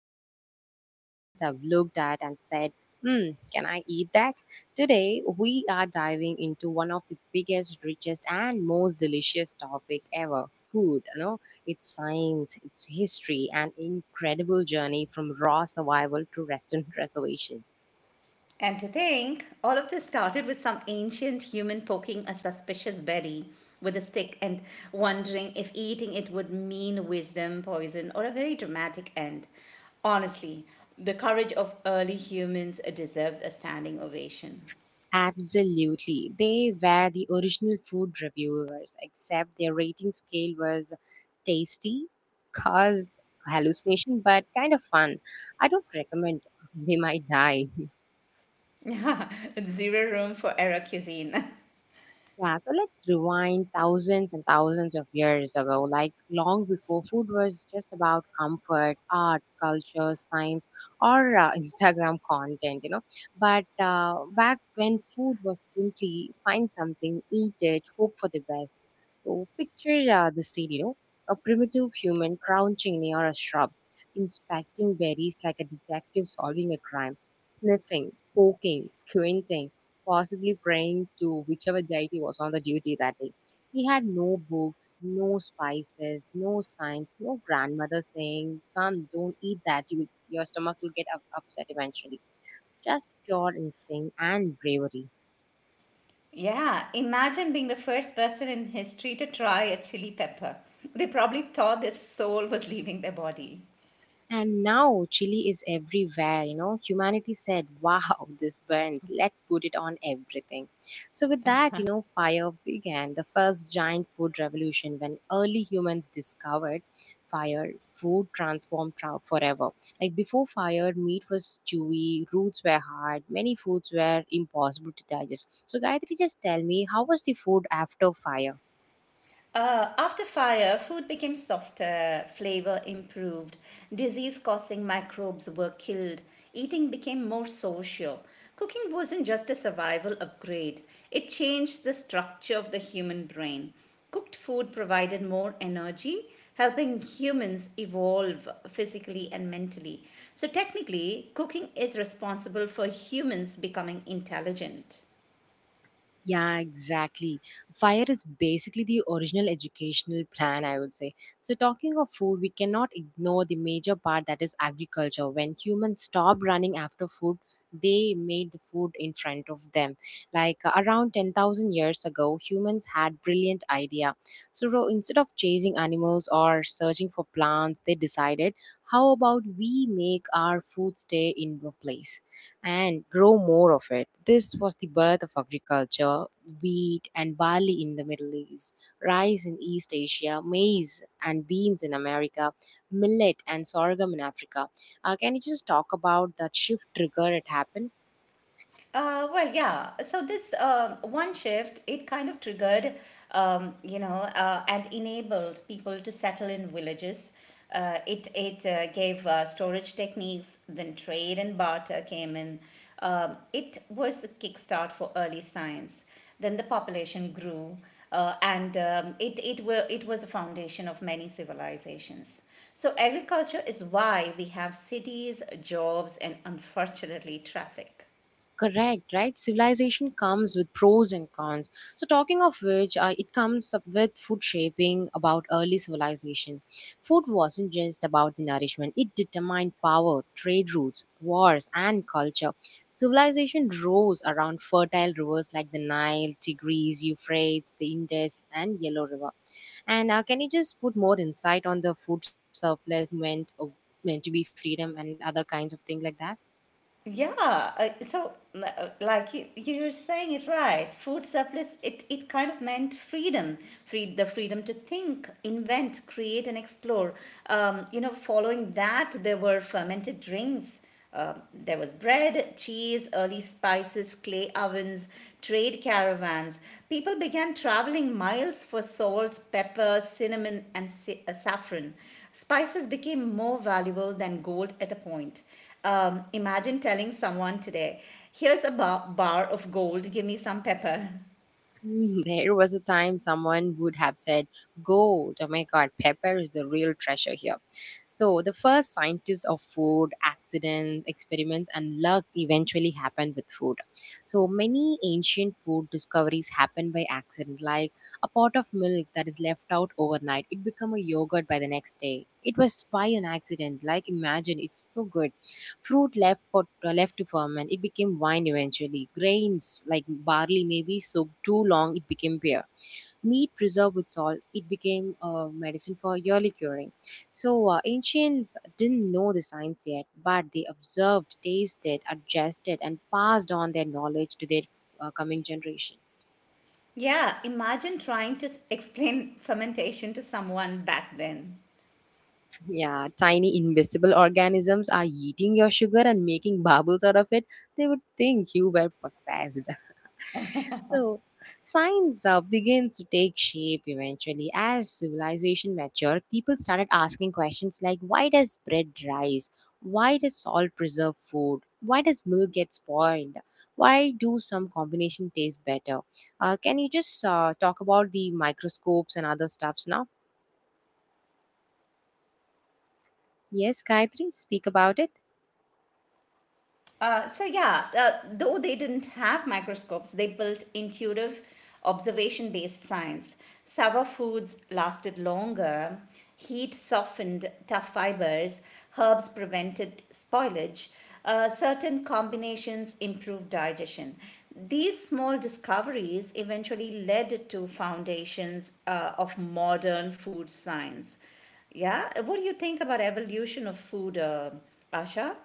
this planet that humans have looked at and said, hmm, can I eat that? Today, we are diving into one of the biggest, richest, and most delicious topic ever food. You know, it's science, it's history, an incredible journey from raw survival to restaurant reservation. And to think, all of this started with some ancient human poking a suspicious berry with a stick and wondering if eating it would mean wisdom, poison, or a very dramatic end. Honestly, the courage of early humans deserves a standing ovation. Absolutely. They were the original food reviewers, except their rating scale was tasty, caused hallucination, but kind of fun. I don't recommend. They might die. Zero room for error cuisine. Yeah, so let's rewind thousands and thousands of years ago, like long before food was just about comfort, art, culture, science, or Instagram content. But back when food was simply find something, eat it, hope for the best. So picture the scene, you know, a primitive human crouching near a shrub, inspecting berries like a detective solving a crime, sniffing, poking, squinting possibly praying to whichever deity was on the duty that day. He had no books, no spices, no signs, no grandmother saying, son, don't eat that. You, your stomach will upset eventually. Just pure instinct and bravery. Yeah, imagine being the first person in history to try a chili pepper. They probably thought their soul was leaving their body. And now chili is everywhere, you know. Humanity said, wow, this burns. Let's put it on everything. So, with that, you know, fire began the first giant food revolution. When early humans discovered fire, food transformed forever. Like before fire, meat was chewy, roots were hard, many foods were impossible to digest. So, Gayatri, just tell me, how was the food after fire? After fire, food became softer, flavor improved, disease causing microbes were killed, eating became more social. Cooking wasn't just a survival upgrade, it changed the structure of the human brain. Cooked food provided more energy, helping humans evolve physically and mentally. So, technically, cooking is responsible for humans becoming intelligent. Yeah, exactly. Fire is basically the original educational plan, I would say. So, talking of food, we cannot ignore the major part that is agriculture. When humans stopped running after food, they made the food in front of them. Like around 10,000 years ago, humans had brilliant idea. So, instead of chasing animals or searching for plants, they decided, how about we make our food stay in a place and grow more of it? This was the birth of agriculture, wheat and barley in the Middle East, rice in East Asia, maize and beans in America, millet and sorghum in Africa. Can you just talk about that shift trigger it happened? Well, yeah. So this one shift, it kind of triggered, and enabled people to settle in villages. It it Gave storage techniques. Then trade and barter came in. It was a kickstart for early science. Then the population grew, and it was a foundation of many civilizations. So agriculture is why we have cities, jobs, and unfortunately traffic. Correct, right? Civilization comes with pros and cons. So, talking of which, it comes up with food shaping about early civilization. Food wasn't just about the nourishment, it determined power, trade routes, wars, and culture. Civilization rose around fertile rivers like the Nile, Tigris, Euphrates, the Indus, and Yellow River. And can you just put more insight on the food surplus meant, meant to be freedom and other kinds of things like that? Yeah, so like you're saying it right. Food surplus, it kind of meant freedom, the freedom to think, invent, create, and explore. Following that, there were fermented drinks. There was bread, cheese, early spices, clay ovens, trade caravans. People began traveling miles for salt, pepper, cinnamon, and saffron. Spices became more valuable than gold at a point. Imagine telling someone today, here's a bar of gold, give me some pepper. Mm, there was a time someone would have said, gold, oh my god, pepper is the real treasure here. So, the first scientists of food, accidents, experiments, and luck eventually happened with food. So, many ancient food discoveries happened by accident, like a pot of milk that is left out overnight, it become a yogurt by the next day. It was by an accident, like imagine, it's so good. Fruit left for left to ferment, it became wine eventually. Grains like barley maybe soaked too long, it became beer. Meat preserved with salt, it became a medicine for yearly curing. So ancients didn't know the science yet, but they observed, tasted, adjusted, and passed on their knowledge to their coming generation. Yeah, imagine trying to explain fermentation to someone back then. Yeah, tiny invisible organisms are eating your sugar and making bubbles out of it. They would think you were possessed. So, science begins to take shape eventually. As civilization matured, people started asking questions like why does bread rise? Why does salt preserve food? Why does milk get spoiled? Why do some combination taste better? Can you just talk about the microscopes and other stuffs now? Yes, Gayatri, speak about it. Though they didn't have microscopes, they built intuitive, observation-based science. Sour foods lasted longer. Heat softened tough fibers. Herbs prevented spoilage. Certain combinations improved digestion. These small discoveries eventually led to foundations of modern food science. Yeah, what do you think about evolution of food, Asha?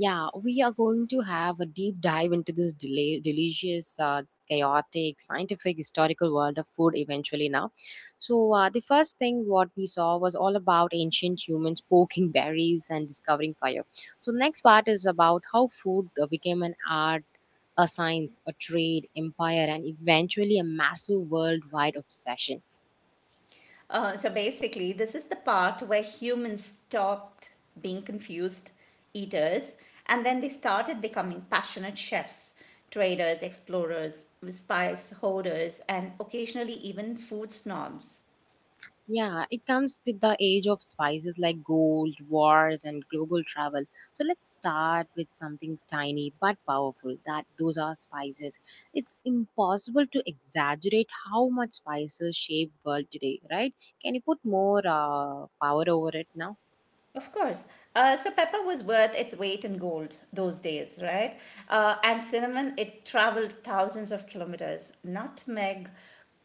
Yeah, we are going to have a deep dive into this delicious, chaotic, scientific, historical world of food eventually now. So, the first thing what we saw was all about ancient humans poking berries and discovering fire. So, next part is about how food became an art, a science, a trade, empire, and eventually a massive worldwide obsession. So basically, this is the part where humans stopped being confused eaters and then they started becoming passionate chefs, traders, explorers, spice hoarders, and occasionally even food snobs. Yeah, it comes with the age of spices like gold, wars, and global travel. So let's start with something tiny but powerful. That those are spices. It's impossible to exaggerate how much spices shape world today, right? Can you put more power over it now? Of course. So pepper was worth its weight in gold those days, right? And cinnamon, it traveled thousands of kilometers. Nutmeg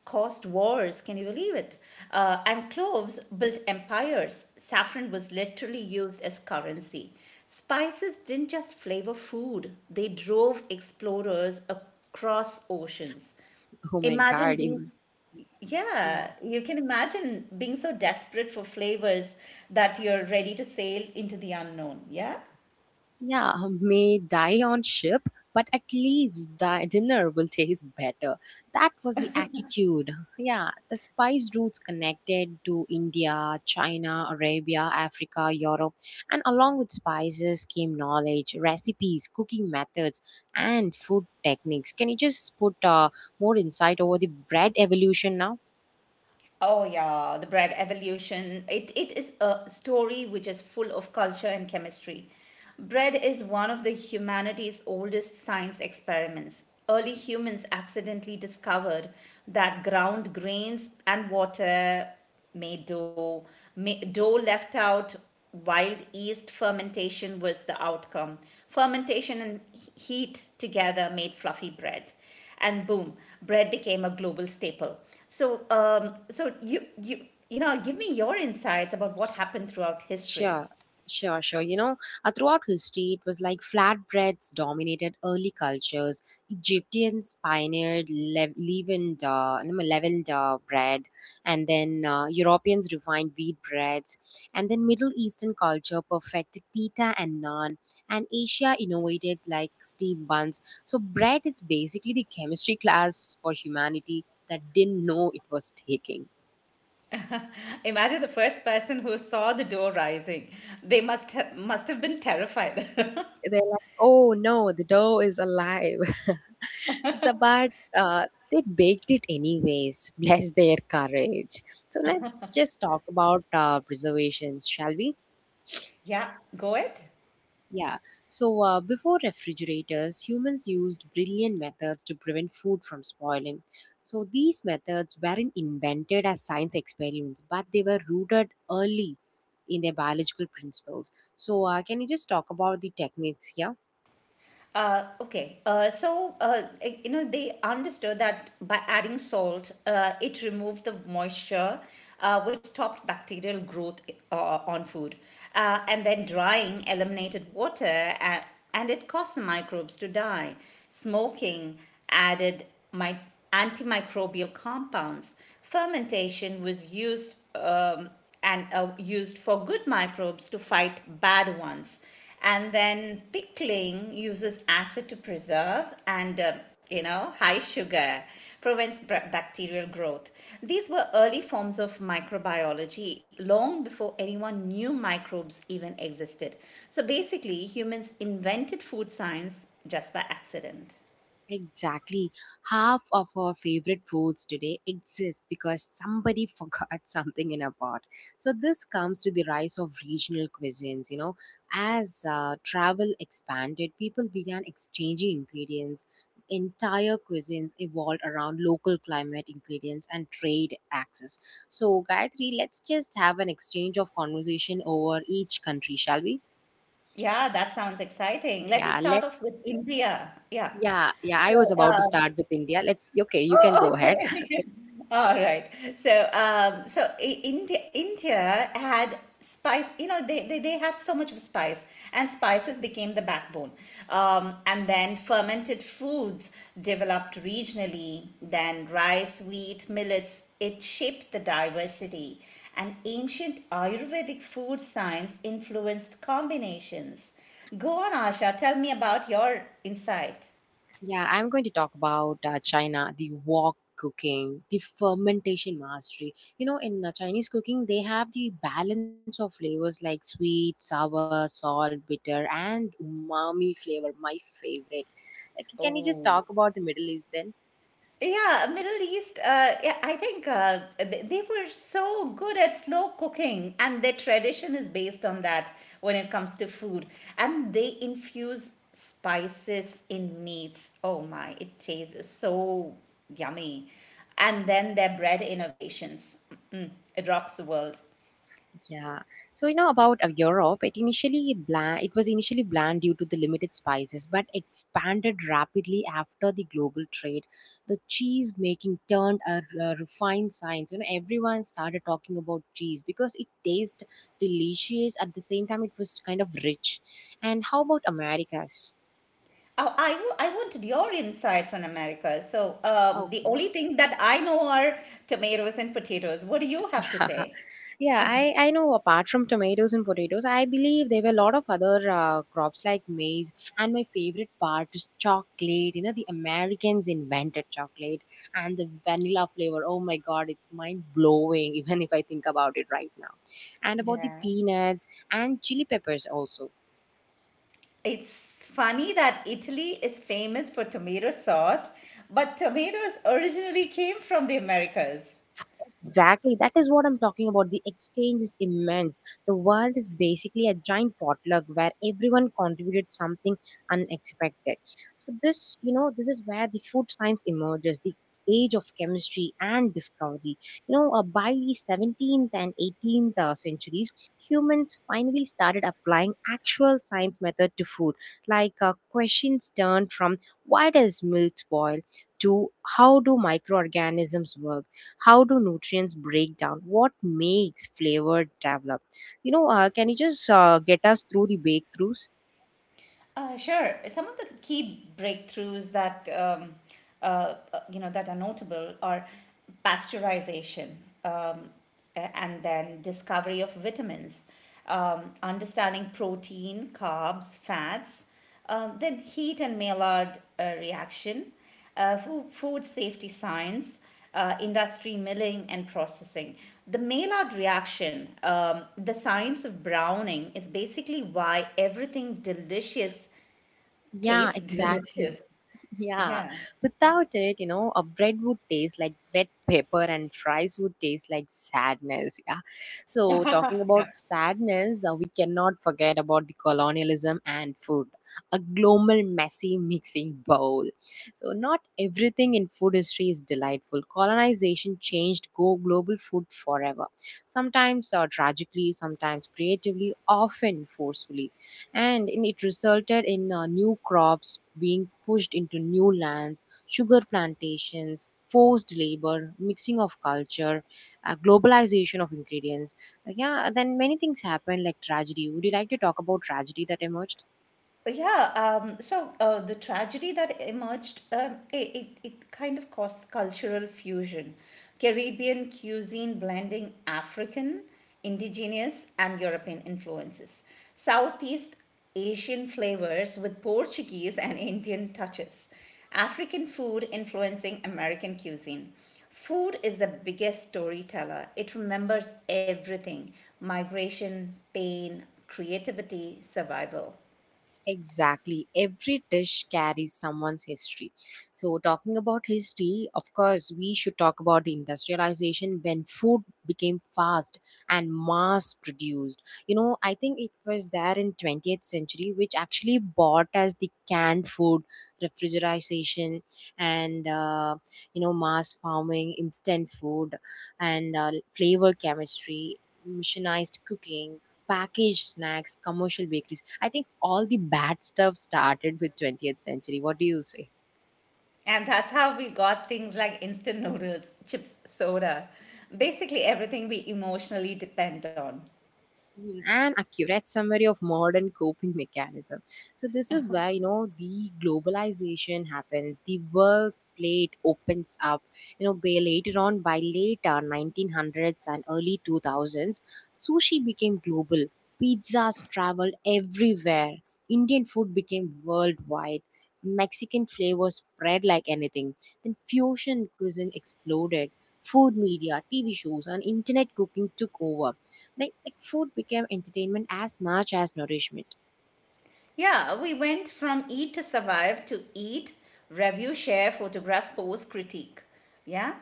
caused wars, can you believe it? And cloves built empires. Saffron was literally used as currency. Spices didn't just flavor food, they drove explorers across oceans. Oh my Imagine God! being, Yeah, yeah, you can imagine being so desperate for flavors that you're ready to sail into the unknown. Yeah. yeah, may die on ship, but at least dinner will taste better. That was the attitude. Yeah, the spice routes connected to India, China, Arabia, Africa, Europe, and along with spices came knowledge, recipes, cooking methods, and food techniques. Can you just put more insight over the bread evolution now? Oh yeah, the bread evolution. It is a story which is full of culture and chemistry. Bread is one of the humanity's oldest science experiments. Early humans accidentally discovered that ground grains and water made dough. Dough left out, wild yeast fermentation was the outcome. Fermentation and heat together made fluffy bread and boom, bread became a global staple. So, give me your insights about what happened throughout history. Sure, sure, sure. You know, throughout history, it was like flatbreads dominated early cultures. Egyptians pioneered leavened, no, leavened bread, and then Europeans refined wheat breads, and then Middle Eastern culture perfected pita and naan, and Asia innovated like steam buns. So, bread is basically the chemistry class for humanity that didn't know it was taking. Imagine the first person who saw the dough rising; they must have been terrified. They're like, oh no, the dough is alive. The but they baked it anyways. Bless their courage. So let's just talk about preservations, shall we? Yeah, go ahead. Yeah, so before refrigerators humans used brilliant methods to prevent food from spoiling. So these methods weren't invented as science experiments, but they were rooted early in their biological principles. So can you just talk about the techniques here? You know they understood that by adding salt, it removed the moisture, which stopped bacterial growth on food, and then drying eliminated water, and, and it caused the microbes to die. Smoking added my antimicrobial compounds. Fermentation was used. And Used for good microbes to fight bad ones. And then pickling uses acid to preserve, and, high sugar prevents bacterial growth. These were early forms of microbiology long before anyone knew microbes even existed. So basically, humans invented food science just by accident. Exactly. Half of our favorite foods today exist because somebody forgot something in a pot. So, this comes to the rise of regional cuisines. You know, as travel expanded, people began exchanging ingredients. Entire cuisines evolved around local climate, ingredients, and trade access. So, Gayatri, let's just have an exchange of conversation over each country, shall we? Yeah, that sounds exciting. Let me Yeah, start let off with India. Yeah. yeah, yeah. So, I was about to start with India. Let's okay, you can go oh, ahead. okay. All right. So, India, India had spice. You know, they had so much of spice, and spices became the backbone. And then fermented foods developed regionally. Then rice, wheat, millets. It shaped the diversity. And ancient Ayurvedic food science influenced combinations. Go on, Asha. Tell me about your insight. Yeah, I'm going to talk about China, the wok cooking, the fermentation mastery. You know, in Chinese cooking, they have the balance of flavors like sweet, sour, salt, bitter, and umami flavor, my favorite. Like, can you just Oh. talk about the Middle East then? Yeah, Middle East, yeah, I think they were so good at slow cooking, and their tradition is based on that when it comes to food. And they infuse spices in meats. Oh my, it tastes so yummy. And then their bread innovations. Mm, it rocks the world. Yeah. So you know about Europe, it initially bland, it was initially bland due to the limited spices, but expanded rapidly after the global trade. The cheese making turned a refined science. You know, everyone started talking about cheese because it tastes delicious. At the same time, it was kind of rich. And how about Americas? Oh, I wanted your insights on America. So the Okay. only thing that I know are tomatoes and potatoes. What do you have to say? Yeah, I know apart from tomatoes and potatoes, I believe there were a lot of other crops like maize. And my favorite part is chocolate. You know, the Americans invented chocolate and the vanilla flavor. Oh my God, it's mind blowing, even if I think about it right now. And about the Yeah. peanuts and chili peppers also. It's funny that Italy is famous for tomato sauce, but tomatoes originally came from the Americas. Exactly. That is what I'm talking about. The exchange is immense. The world is basically a giant potluck where everyone contributed something unexpected. So this is where the food science emerges, the age of chemistry and discovery. You know, by the 17th and 18th centuries, humans finally started applying actual science method to food. Like questions turned from why does milk spoil to how do microorganisms work? How do nutrients break down? What makes flavor develop? You know, can you just get us through the breakthroughs? Sure, some of the key breakthroughs that that are notable are pasteurization, um, and then discovery of vitamins, understanding protein, carbs, fats, then heat and Maillard reaction, food safety science, industry milling and processing. The Maillard reaction, the science of browning, is basically why everything delicious Yeah, tastes exactly. delicious. Yeah, Yeah. without it, you know, a bread would taste like wet paper and fries would taste like sadness. Yeah. So, talking Yeah. about sadness, we cannot forget about the colonialism and food, a global messy mixing bowl. So, not everything in food history is delightful. Colonization changed go global food forever, sometimes tragically, sometimes creatively, often forcefully, and it resulted in new crops being pushed into new lands, sugar plantations, forced labor, mixing of culture, globalization of ingredients. Yeah, then many things happened like tragedy. Would you like to talk about tragedy that emerged? Yeah, the tragedy that emerged, it kind of caused cultural fusion. Caribbean cuisine blending African, indigenous, and European influences. Southeast Asian flavors with Portuguese and Indian touches. African food influencing American cuisine. Food is the biggest storyteller. It remembers everything: migration, pain, creativity, survival. Exactly. Every dish carries someone's history. So, talking about history, of course, we should talk about the industrialization when food became fast and mass produced. You know, I think it was there in 20th century which actually bought us the canned food, refrigeration, and you know, mass farming, instant food, and flavor chemistry, missionized cooking, packaged snacks, commercial bakeries. I think all the bad stuff started with 20th century. What do you say? And that's how we got things like instant noodles, chips, soda, basically everything we emotionally depend on. Mm, and accurate summary of modern coping mechanism. So this is where, you know, the globalization happens, the world's plate opens up, you know, by later on, by later 1900s and early 2000s. Sushi became global, pizzas traveled everywhere, indian food became worldwide, mexican flavors spread like anything, then fusion cuisine exploded, food media tv shows and internet cooking took over. Like food became entertainment as much as nourishment. Yeah, we went from eat to survive to eat, review, share, photograph, post, critique. Yeah?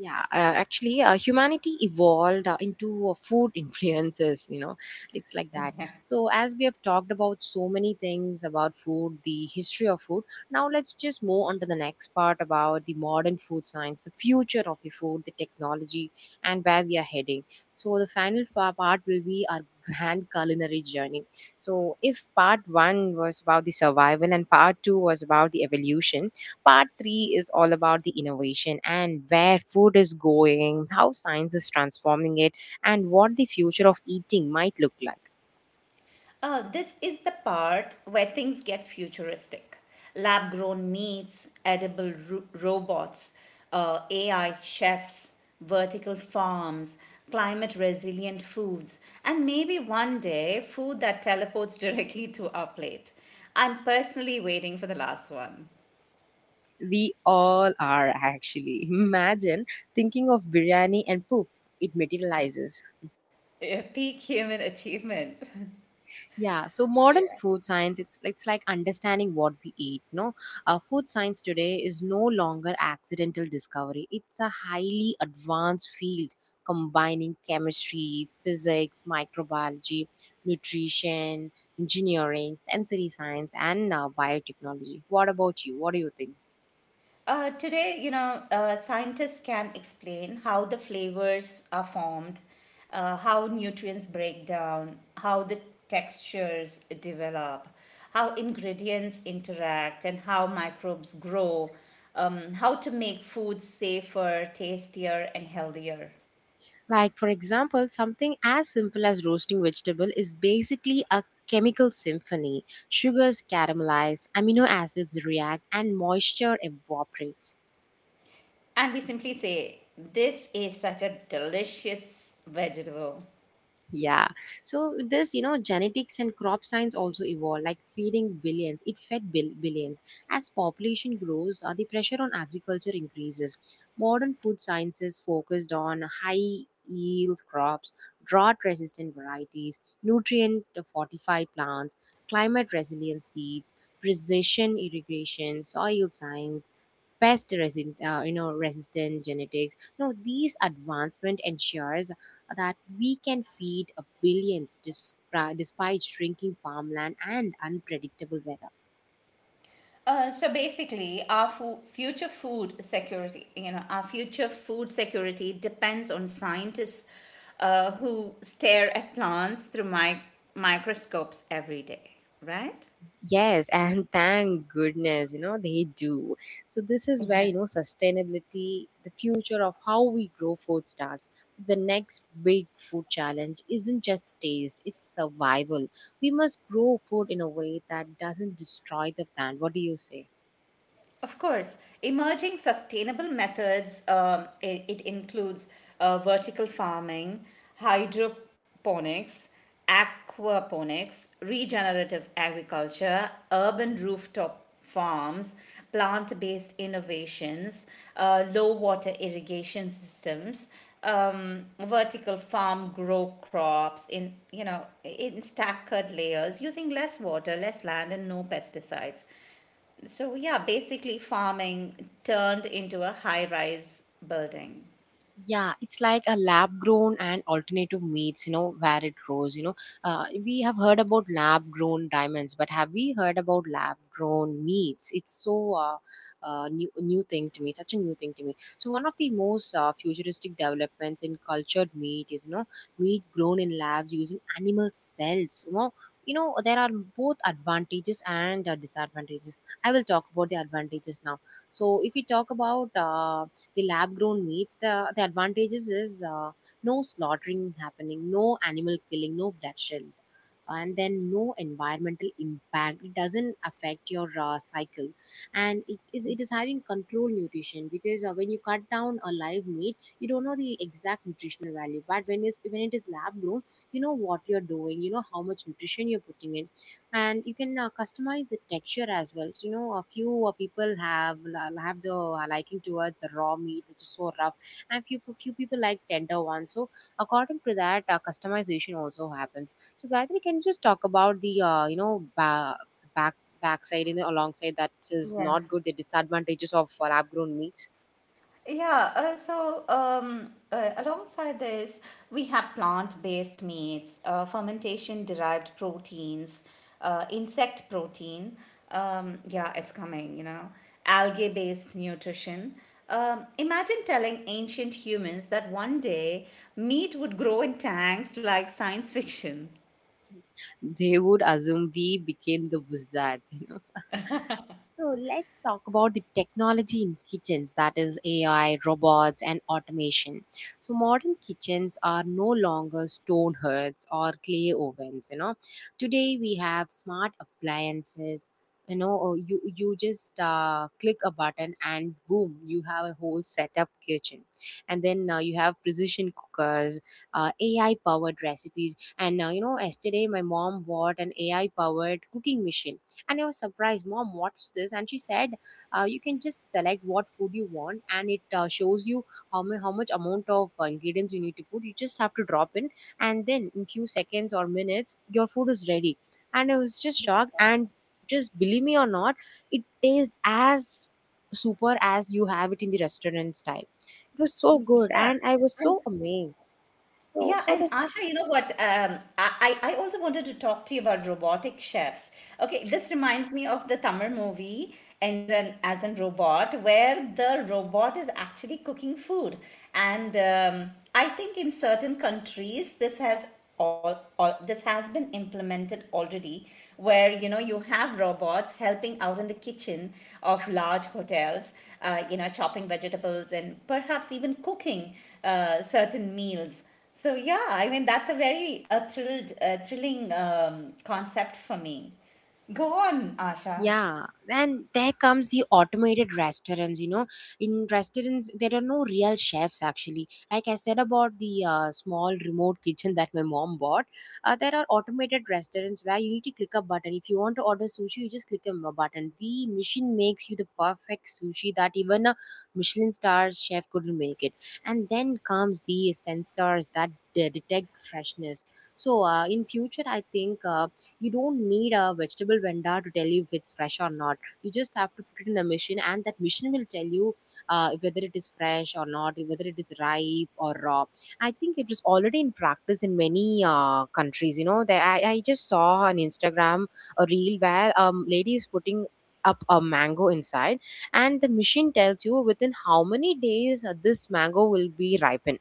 Yeah, actually, humanity evolved into food influences, you know, it's like that. So, as we have talked about so many things about food, the history of food, now let's just move on to the next part about the modern food science, the future of the food, the technology, and where we are heading. So, the part will be our grand culinary journey. So, if part one was about the survival and part two was about the evolution, part three is all about the innovation and where food is going, how science is transforming it, and what the future of eating might look like. This is the part where things get futuristic. Lab grown meats, edible robots, AI chefs, vertical farms, climate resilient foods, and maybe one day food that teleports directly to our plate. I'm personally waiting for the last one. We all are actually. Imagine thinking of biryani and poof, it materializes. Peak human achievement. Yeah, so modern food science, it's like understanding what we eat. No, food science today is no longer accidental discovery. It's a highly advanced field combining chemistry, physics, microbiology, nutrition, engineering, sensory science, and biotechnology. What about you? What do you think? Today, you know, scientists can explain how the flavors are formed, how nutrients break down, how the textures develop, how ingredients interact, and how microbes grow, how to make food safer, tastier, and healthier. Like, for example, something as simple as roasting vegetable is basically a chemical symphony. Sugars caramelize, amino acids react, and moisture evaporates. And we simply say, this is such a delicious vegetable. Yeah. So this, you know, genetics and crop science also evolved, like feeding billions. It billions. As population grows, the pressure on agriculture increases. Modern food sciences focused on high yield crops, drought resistant varieties, nutrient fortified plants, climate resilient seeds, precision irrigation, soil science, you know, resistant genetics. Now these advancement ensures that we can feed a despite shrinking farmland and unpredictable weather. So basically, our future food security, you know, our future food security depends on scientists who stare at plants through microscopes every day, right? Yes, and thank goodness, you know, they do. So, this is where, Yeah. you know, sustainability, the future of how we grow food starts. The next big food challenge isn't just taste, it's survival. We must grow food in a way that doesn't destroy the plant. What do you say? Of course, emerging sustainable methods, it includes vertical farming, hydroponics, aquaponics, regenerative agriculture, urban rooftop farms, plant based innovations, low water irrigation systems. Vertical farm grow crops in, you know, in staggered layers using less water, less land and no pesticides. So, yeah, basically farming turned into a high-rise building. Yeah, it's like a lab grown and alternative meats, you know, where it grows. You know, we have heard about lab grown diamonds, but have we heard about lab grown meats? It's so new thing to me, such a new thing to me. So one of the most futuristic developments in cultured meat is, you know, meat grown in labs using animal cells. You know there are both advantages and disadvantages. I will talk about the advantages now. So if we talk about the lab grown meats, the advantages is, no slaughtering happening, no animal killing, no bloodshed, and then no environmental impact. It doesn't affect your cycle. And it is having controlled nutrition, because when you cut down a live meat you don't know the exact nutritional value, but when it is lab grown, you know what you're doing, you know how much nutrition you're putting in. And you can customize the texture as well. So you know a few people have the liking towards raw meat, which is so rough, and few people like tender ones. So according to that, customization also happens. So Gayatri, can you just talk about the, you know, back backside and alongside? That is Yeah. not good, the disadvantages of lab grown meats. Yeah, alongside this, we have plant-based meats, fermentation-derived proteins, insect protein. Yeah, it's coming, you know, algae-based nutrition. Imagine telling ancient humans that one day meat would grow in tanks like science fiction. They would assume we became the wizards. So let's talk about the technology in kitchens, that is AI, robots, and automation. So modern kitchens are no longer stone hearths or clay ovens. You know, today we have smart appliances. You know, or you just click a button and boom, you have a whole setup kitchen, and then you have precision cookers, AI powered recipes, and, you know, yesterday my mom bought an AI powered cooking machine and I was surprised. Mom, what's this? And she said, you can just select what food you want, and it shows you how much amount of ingredients you need to put. You just have to drop in, and then in few seconds or minutes, your food is ready. And I was just shocked, and just believe me or not, it tastes as super as you have it in the restaurant style. It was so good, Yeah. and I was so amazed. So, Yeah, so and the Asha, you know what? I also wanted to talk to you about robotic chefs. Okay, this reminds me of the Tamil movie Endran as a Robot, where the robot is actually cooking food. And I think in certain countries, all this has been implemented already, where you know you have robots helping out in the kitchen of large hotels, you know, chopping vegetables and perhaps even cooking certain meals. So yeah, I mean that's a very thrilling concept for me. Go on, Asha. Yeah, and there comes the automated restaurants. You know, in restaurants there are no real chefs actually. Like I said about the small remote kitchen that my mom bought, there are automated restaurants where you need to click a button. If you want to order sushi, you just button. The machine makes you the perfect sushi that even a Michelin star chef couldn't make it. And then comes the sensors that detect freshness. So in future, I think. You don't need a vegetable vendor to tell you if it's fresh or not. You just have to put it in a machine and that machine will tell you whether it is fresh or not, whether it is ripe or raw. I think it is already in practice in many countries. You know that, I just saw on instagram a reel where lady is putting up a mango inside and the machine tells you within how many days this mango will be ripened.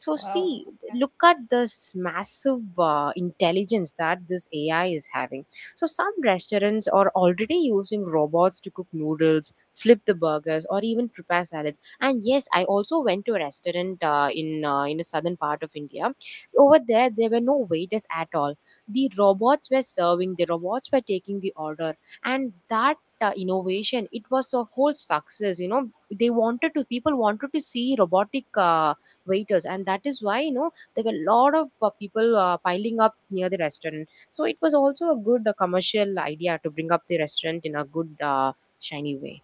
So, Wow. see, look at this massive intelligence that this AI is having. So, some restaurants are already using robots to cook noodles, flip the burgers, or even prepare salads. And yes, I also went to a restaurant in the southern part of India. Over there, there were no waiters at all. The robots were serving. The robots were taking the order, and that. Innovation, it was a whole success. You know, they wanted to people wanted to see robotic waiters, and that is why, you know, there were a lot of people piling up near the restaurant. So it was also a good commercial idea to bring up the restaurant in a good, shiny way.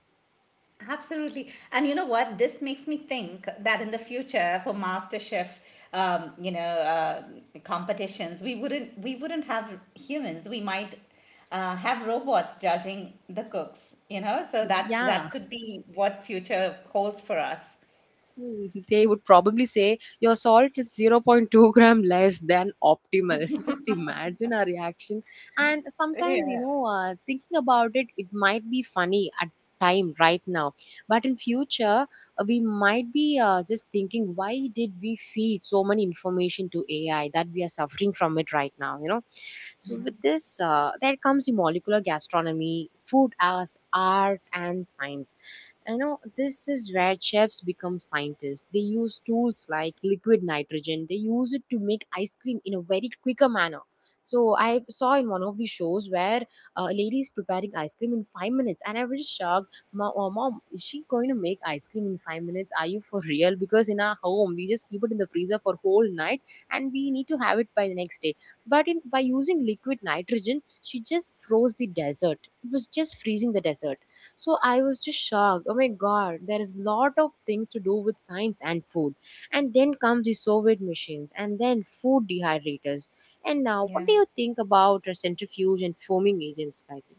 Absolutely. And you know what? This makes me think that in the future for MasterChef, um, you know, uh, competitions, we wouldn't have humans. We might have robots judging the cooks, you know, so that Yeah. that could be what future holds for us. Hmm, they would probably say your salt is zero point 0.2 gram less than optimal. Just imagine our reaction. And sometimes, Yeah. you know, thinking about it, it might be funny at time right now, but in future we might be just thinking, why did we feed so many information to AI that we are suffering from it right now. You know, so with this, there comes the molecular gastronomy, food as art and science. You know, this is where chefs become scientists. They use tools like liquid nitrogen. They use it to make ice cream in a very quicker manner. So I saw in one of the shows where a lady is preparing ice cream in 5 minutes, and I was just shocked. Mom, oh, mom, is she going to make ice cream in 5 minutes? Are you for real? Because in our home we just keep it in the freezer for whole night, and we need to have it by the next day. But in, by using liquid nitrogen she just froze the desert. It was just freezing the desert. So I was just shocked. Oh my god, there is lot of things to do with science and food. And then comes the Soviet machines and then food dehydrators. And now, Yeah. what do you think about a centrifuge and foaming agents, Gayatri?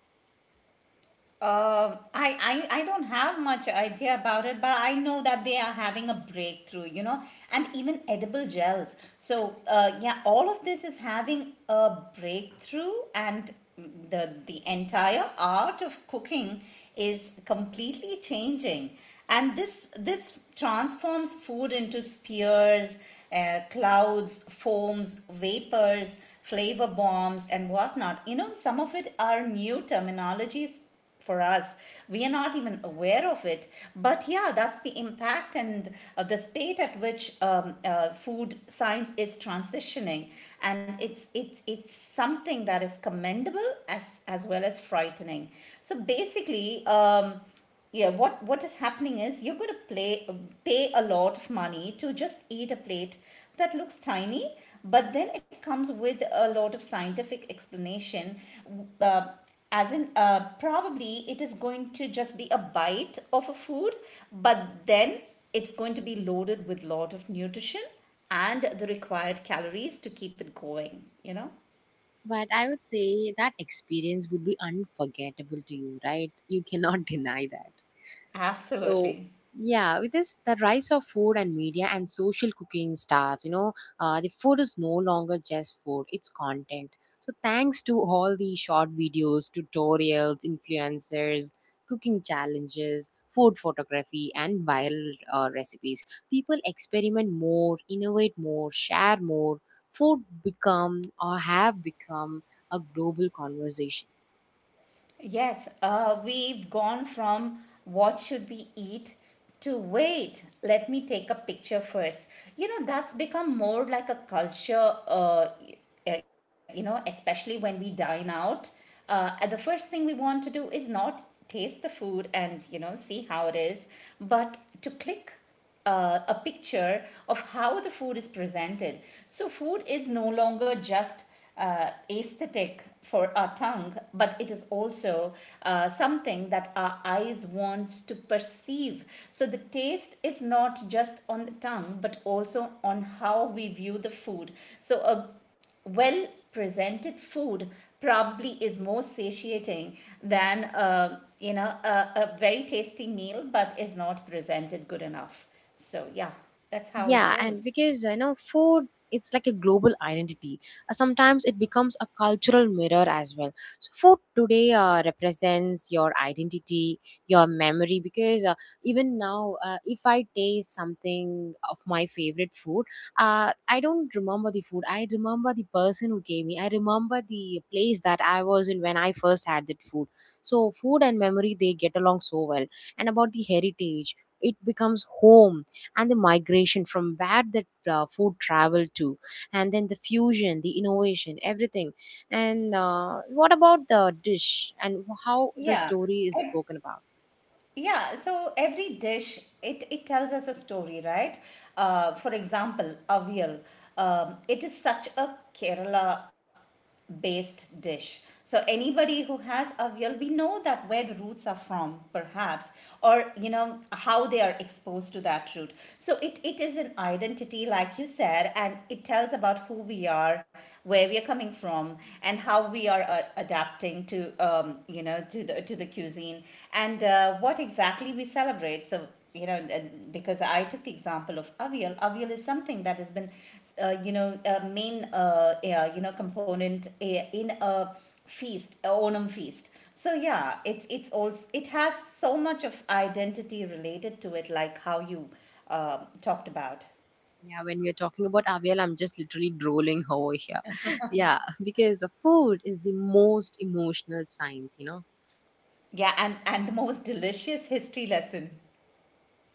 I don't have much idea about it, but I know that they are having a breakthrough, you know, and even edible gels. So yeah, all of this is having a breakthrough, and the entire art of cooking is completely changing, and this transforms food into spears, clouds, foams, vapors, flavor bombs, and whatnot. You know, some of it are new terminologies for us, we are not even aware of it, but yeah, that's the impact and the state at which food science is transitioning, and it's something that is commendable as well as frightening. So basically, yeah, what is happening is you're going to play pay a lot of money to just eat a plate that looks tiny, but then it comes with a lot of scientific explanation. Uh, as in, probably it is going to just be a bite of a food, but then it's going to be loaded with lot of nutrition and the required calories to keep it going. But I would say that experience would be unforgettable to you, right? You cannot deny that. So Absolutely. yeah, with this, the rise of food and media and social cooking starts. You know, the food is no longer just food; it's content. So thanks to all the short videos, tutorials, influencers, cooking challenges, food photography, and viral recipes, people experiment more, innovate more, share more. Food become or have become a global conversation. Yes, we've gone from what should we eat to wait, let me take a picture first. You know, that's become more like a culture, especially when we dine out. And the first thing we want to do is not taste the food and, you know, see how it is, but to click a picture of how the food is presented. So, food is no longer just aesthetic for our tongue, but it is also something that our eyes want to perceive. So, the taste is not just on the tongue, but also on how we view the food. So, a well presented food probably is more satiating than you know a very tasty meal but is not presented good enough, so yeah, that's how it Yeah, and goes. because, you know, food, it's like a global identity. Sometimes it becomes a cultural mirror as well. So food today represents your identity, your memory. Because, even now, if I taste something of my favorite food, I don't remember the food. I remember the person who gave me. I remember the place that I was in when I first had that food. So food and memory, they get along so well. And about the heritage, it becomes home, and the migration from where that food traveled to, and then the fusion, the innovation, everything. And what about the dish and how the Yeah, story is spoken about? yeah, so every dish, it tells us a story, right? For example, avial. It is such a Kerala based dish. So anybody who has avial, we know that where the roots are from, perhaps, or you know how they are exposed to that root. So it is an identity, like you said, and it tells about who we are, where we are coming from, and how we are adapting to, you know, to the cuisine, and what exactly we celebrate. So you know and- because I took the example of avial. Avial is something that has been you know, a main, yeah, you know, component in a feast, a Onam feast. So yeah, it's also, it has so much of identity related to it, like how you um talked about. Yeah, when we are talking about avial, I'm just literally drooling over here. Yeah, because food is the most emotional science, you know. Yeah, and the most delicious history lesson.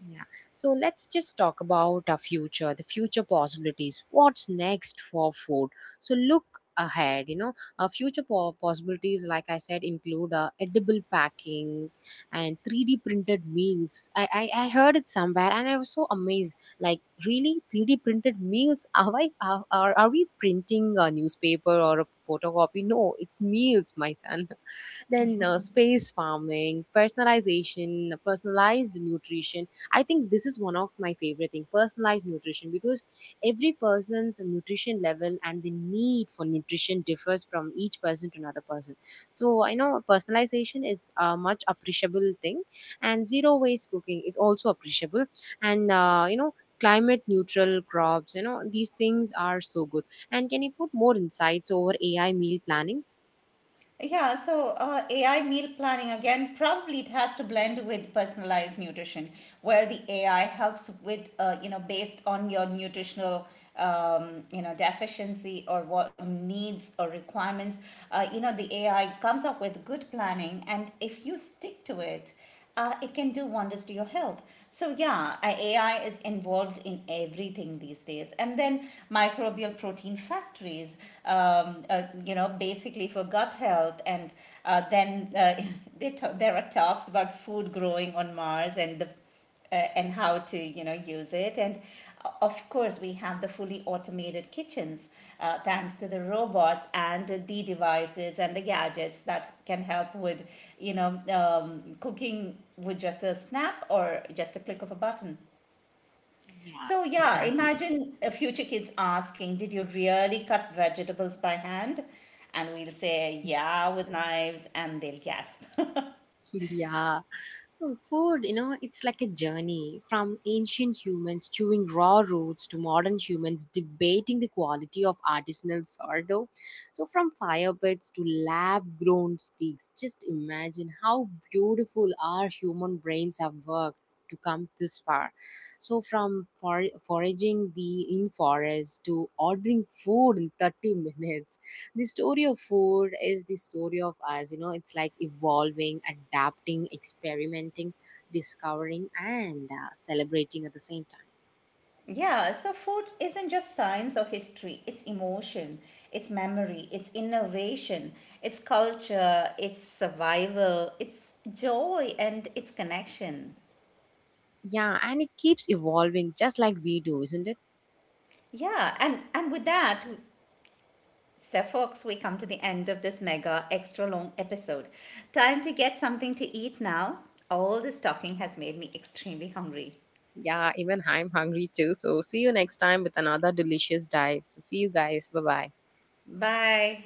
Yeah. So let's just talk about our future, the future possibilities. What's next for food? So look ahead, you know, our possibilities, like I said, include edible packing and 3D printed meals. I heard it somewhere and I was so amazed. Like, really? 3D printed meals? Are, I, are we printing a newspaper or a photocopy? No, it's meals, my son. Then space farming, personalization, personalized nutrition. I think this is one of my favorite thing, personalized nutrition, because every person's nutrition level and the need for nutrition differs from each person to another person. So I know personalization is a much appreciable thing, and zero waste cooking is also appreciable. And, you know, climate neutral crops, you know, these things are so good. And can you put more insights over AI meal planning? Yeah, so AI meal planning again, probably it has to blend with personalized nutrition, where the AI helps with, you know, based on your nutritional, you know, deficiency or what needs or requirements. You know, the AI comes up with good planning, and if you stick to it, it can do wonders to your health. So, yeah, AI is involved in everything these days. And then microbial protein factories, you know, basically for gut health. And then they there are talks about food growing on Mars and the, and how to, you know, use it. And of course, we have the fully automated kitchens, thanks to the robots and the devices and the gadgets that can help with, you know, cooking with just a snap or just a click of a button. Yeah, So yeah, exactly. imagine future kids asking, did you really cut vegetables by hand? And we'll say yeah, with knives, and they'll gasp. Yeah. So, food, you know, it's like a journey from ancient humans chewing raw roots to modern humans debating the quality of artisanal sourdough. So, from fire pits to lab grown sticks, just imagine how beautiful our human brains have worked. To come this far, so from foraging the in forest to ordering food in 30 minutes, the story of food is the story of us. You know, it's like evolving, adapting, experimenting, discovering and celebrating at the same time. Yeah, so food isn't just science or history, it's emotion, it's memory, it's innovation, it's culture, it's survival, it's joy and it's connection. Yeah, and it keeps evolving just like we do, isn't it? Yeah, and with that, so folks, we come to the end of this mega extra long episode. Time to get something to eat now. All this talking has made me extremely hungry. Yeah, even I'm hungry too. So see you next time with another delicious dive. So see you guys, bye bye. Bye.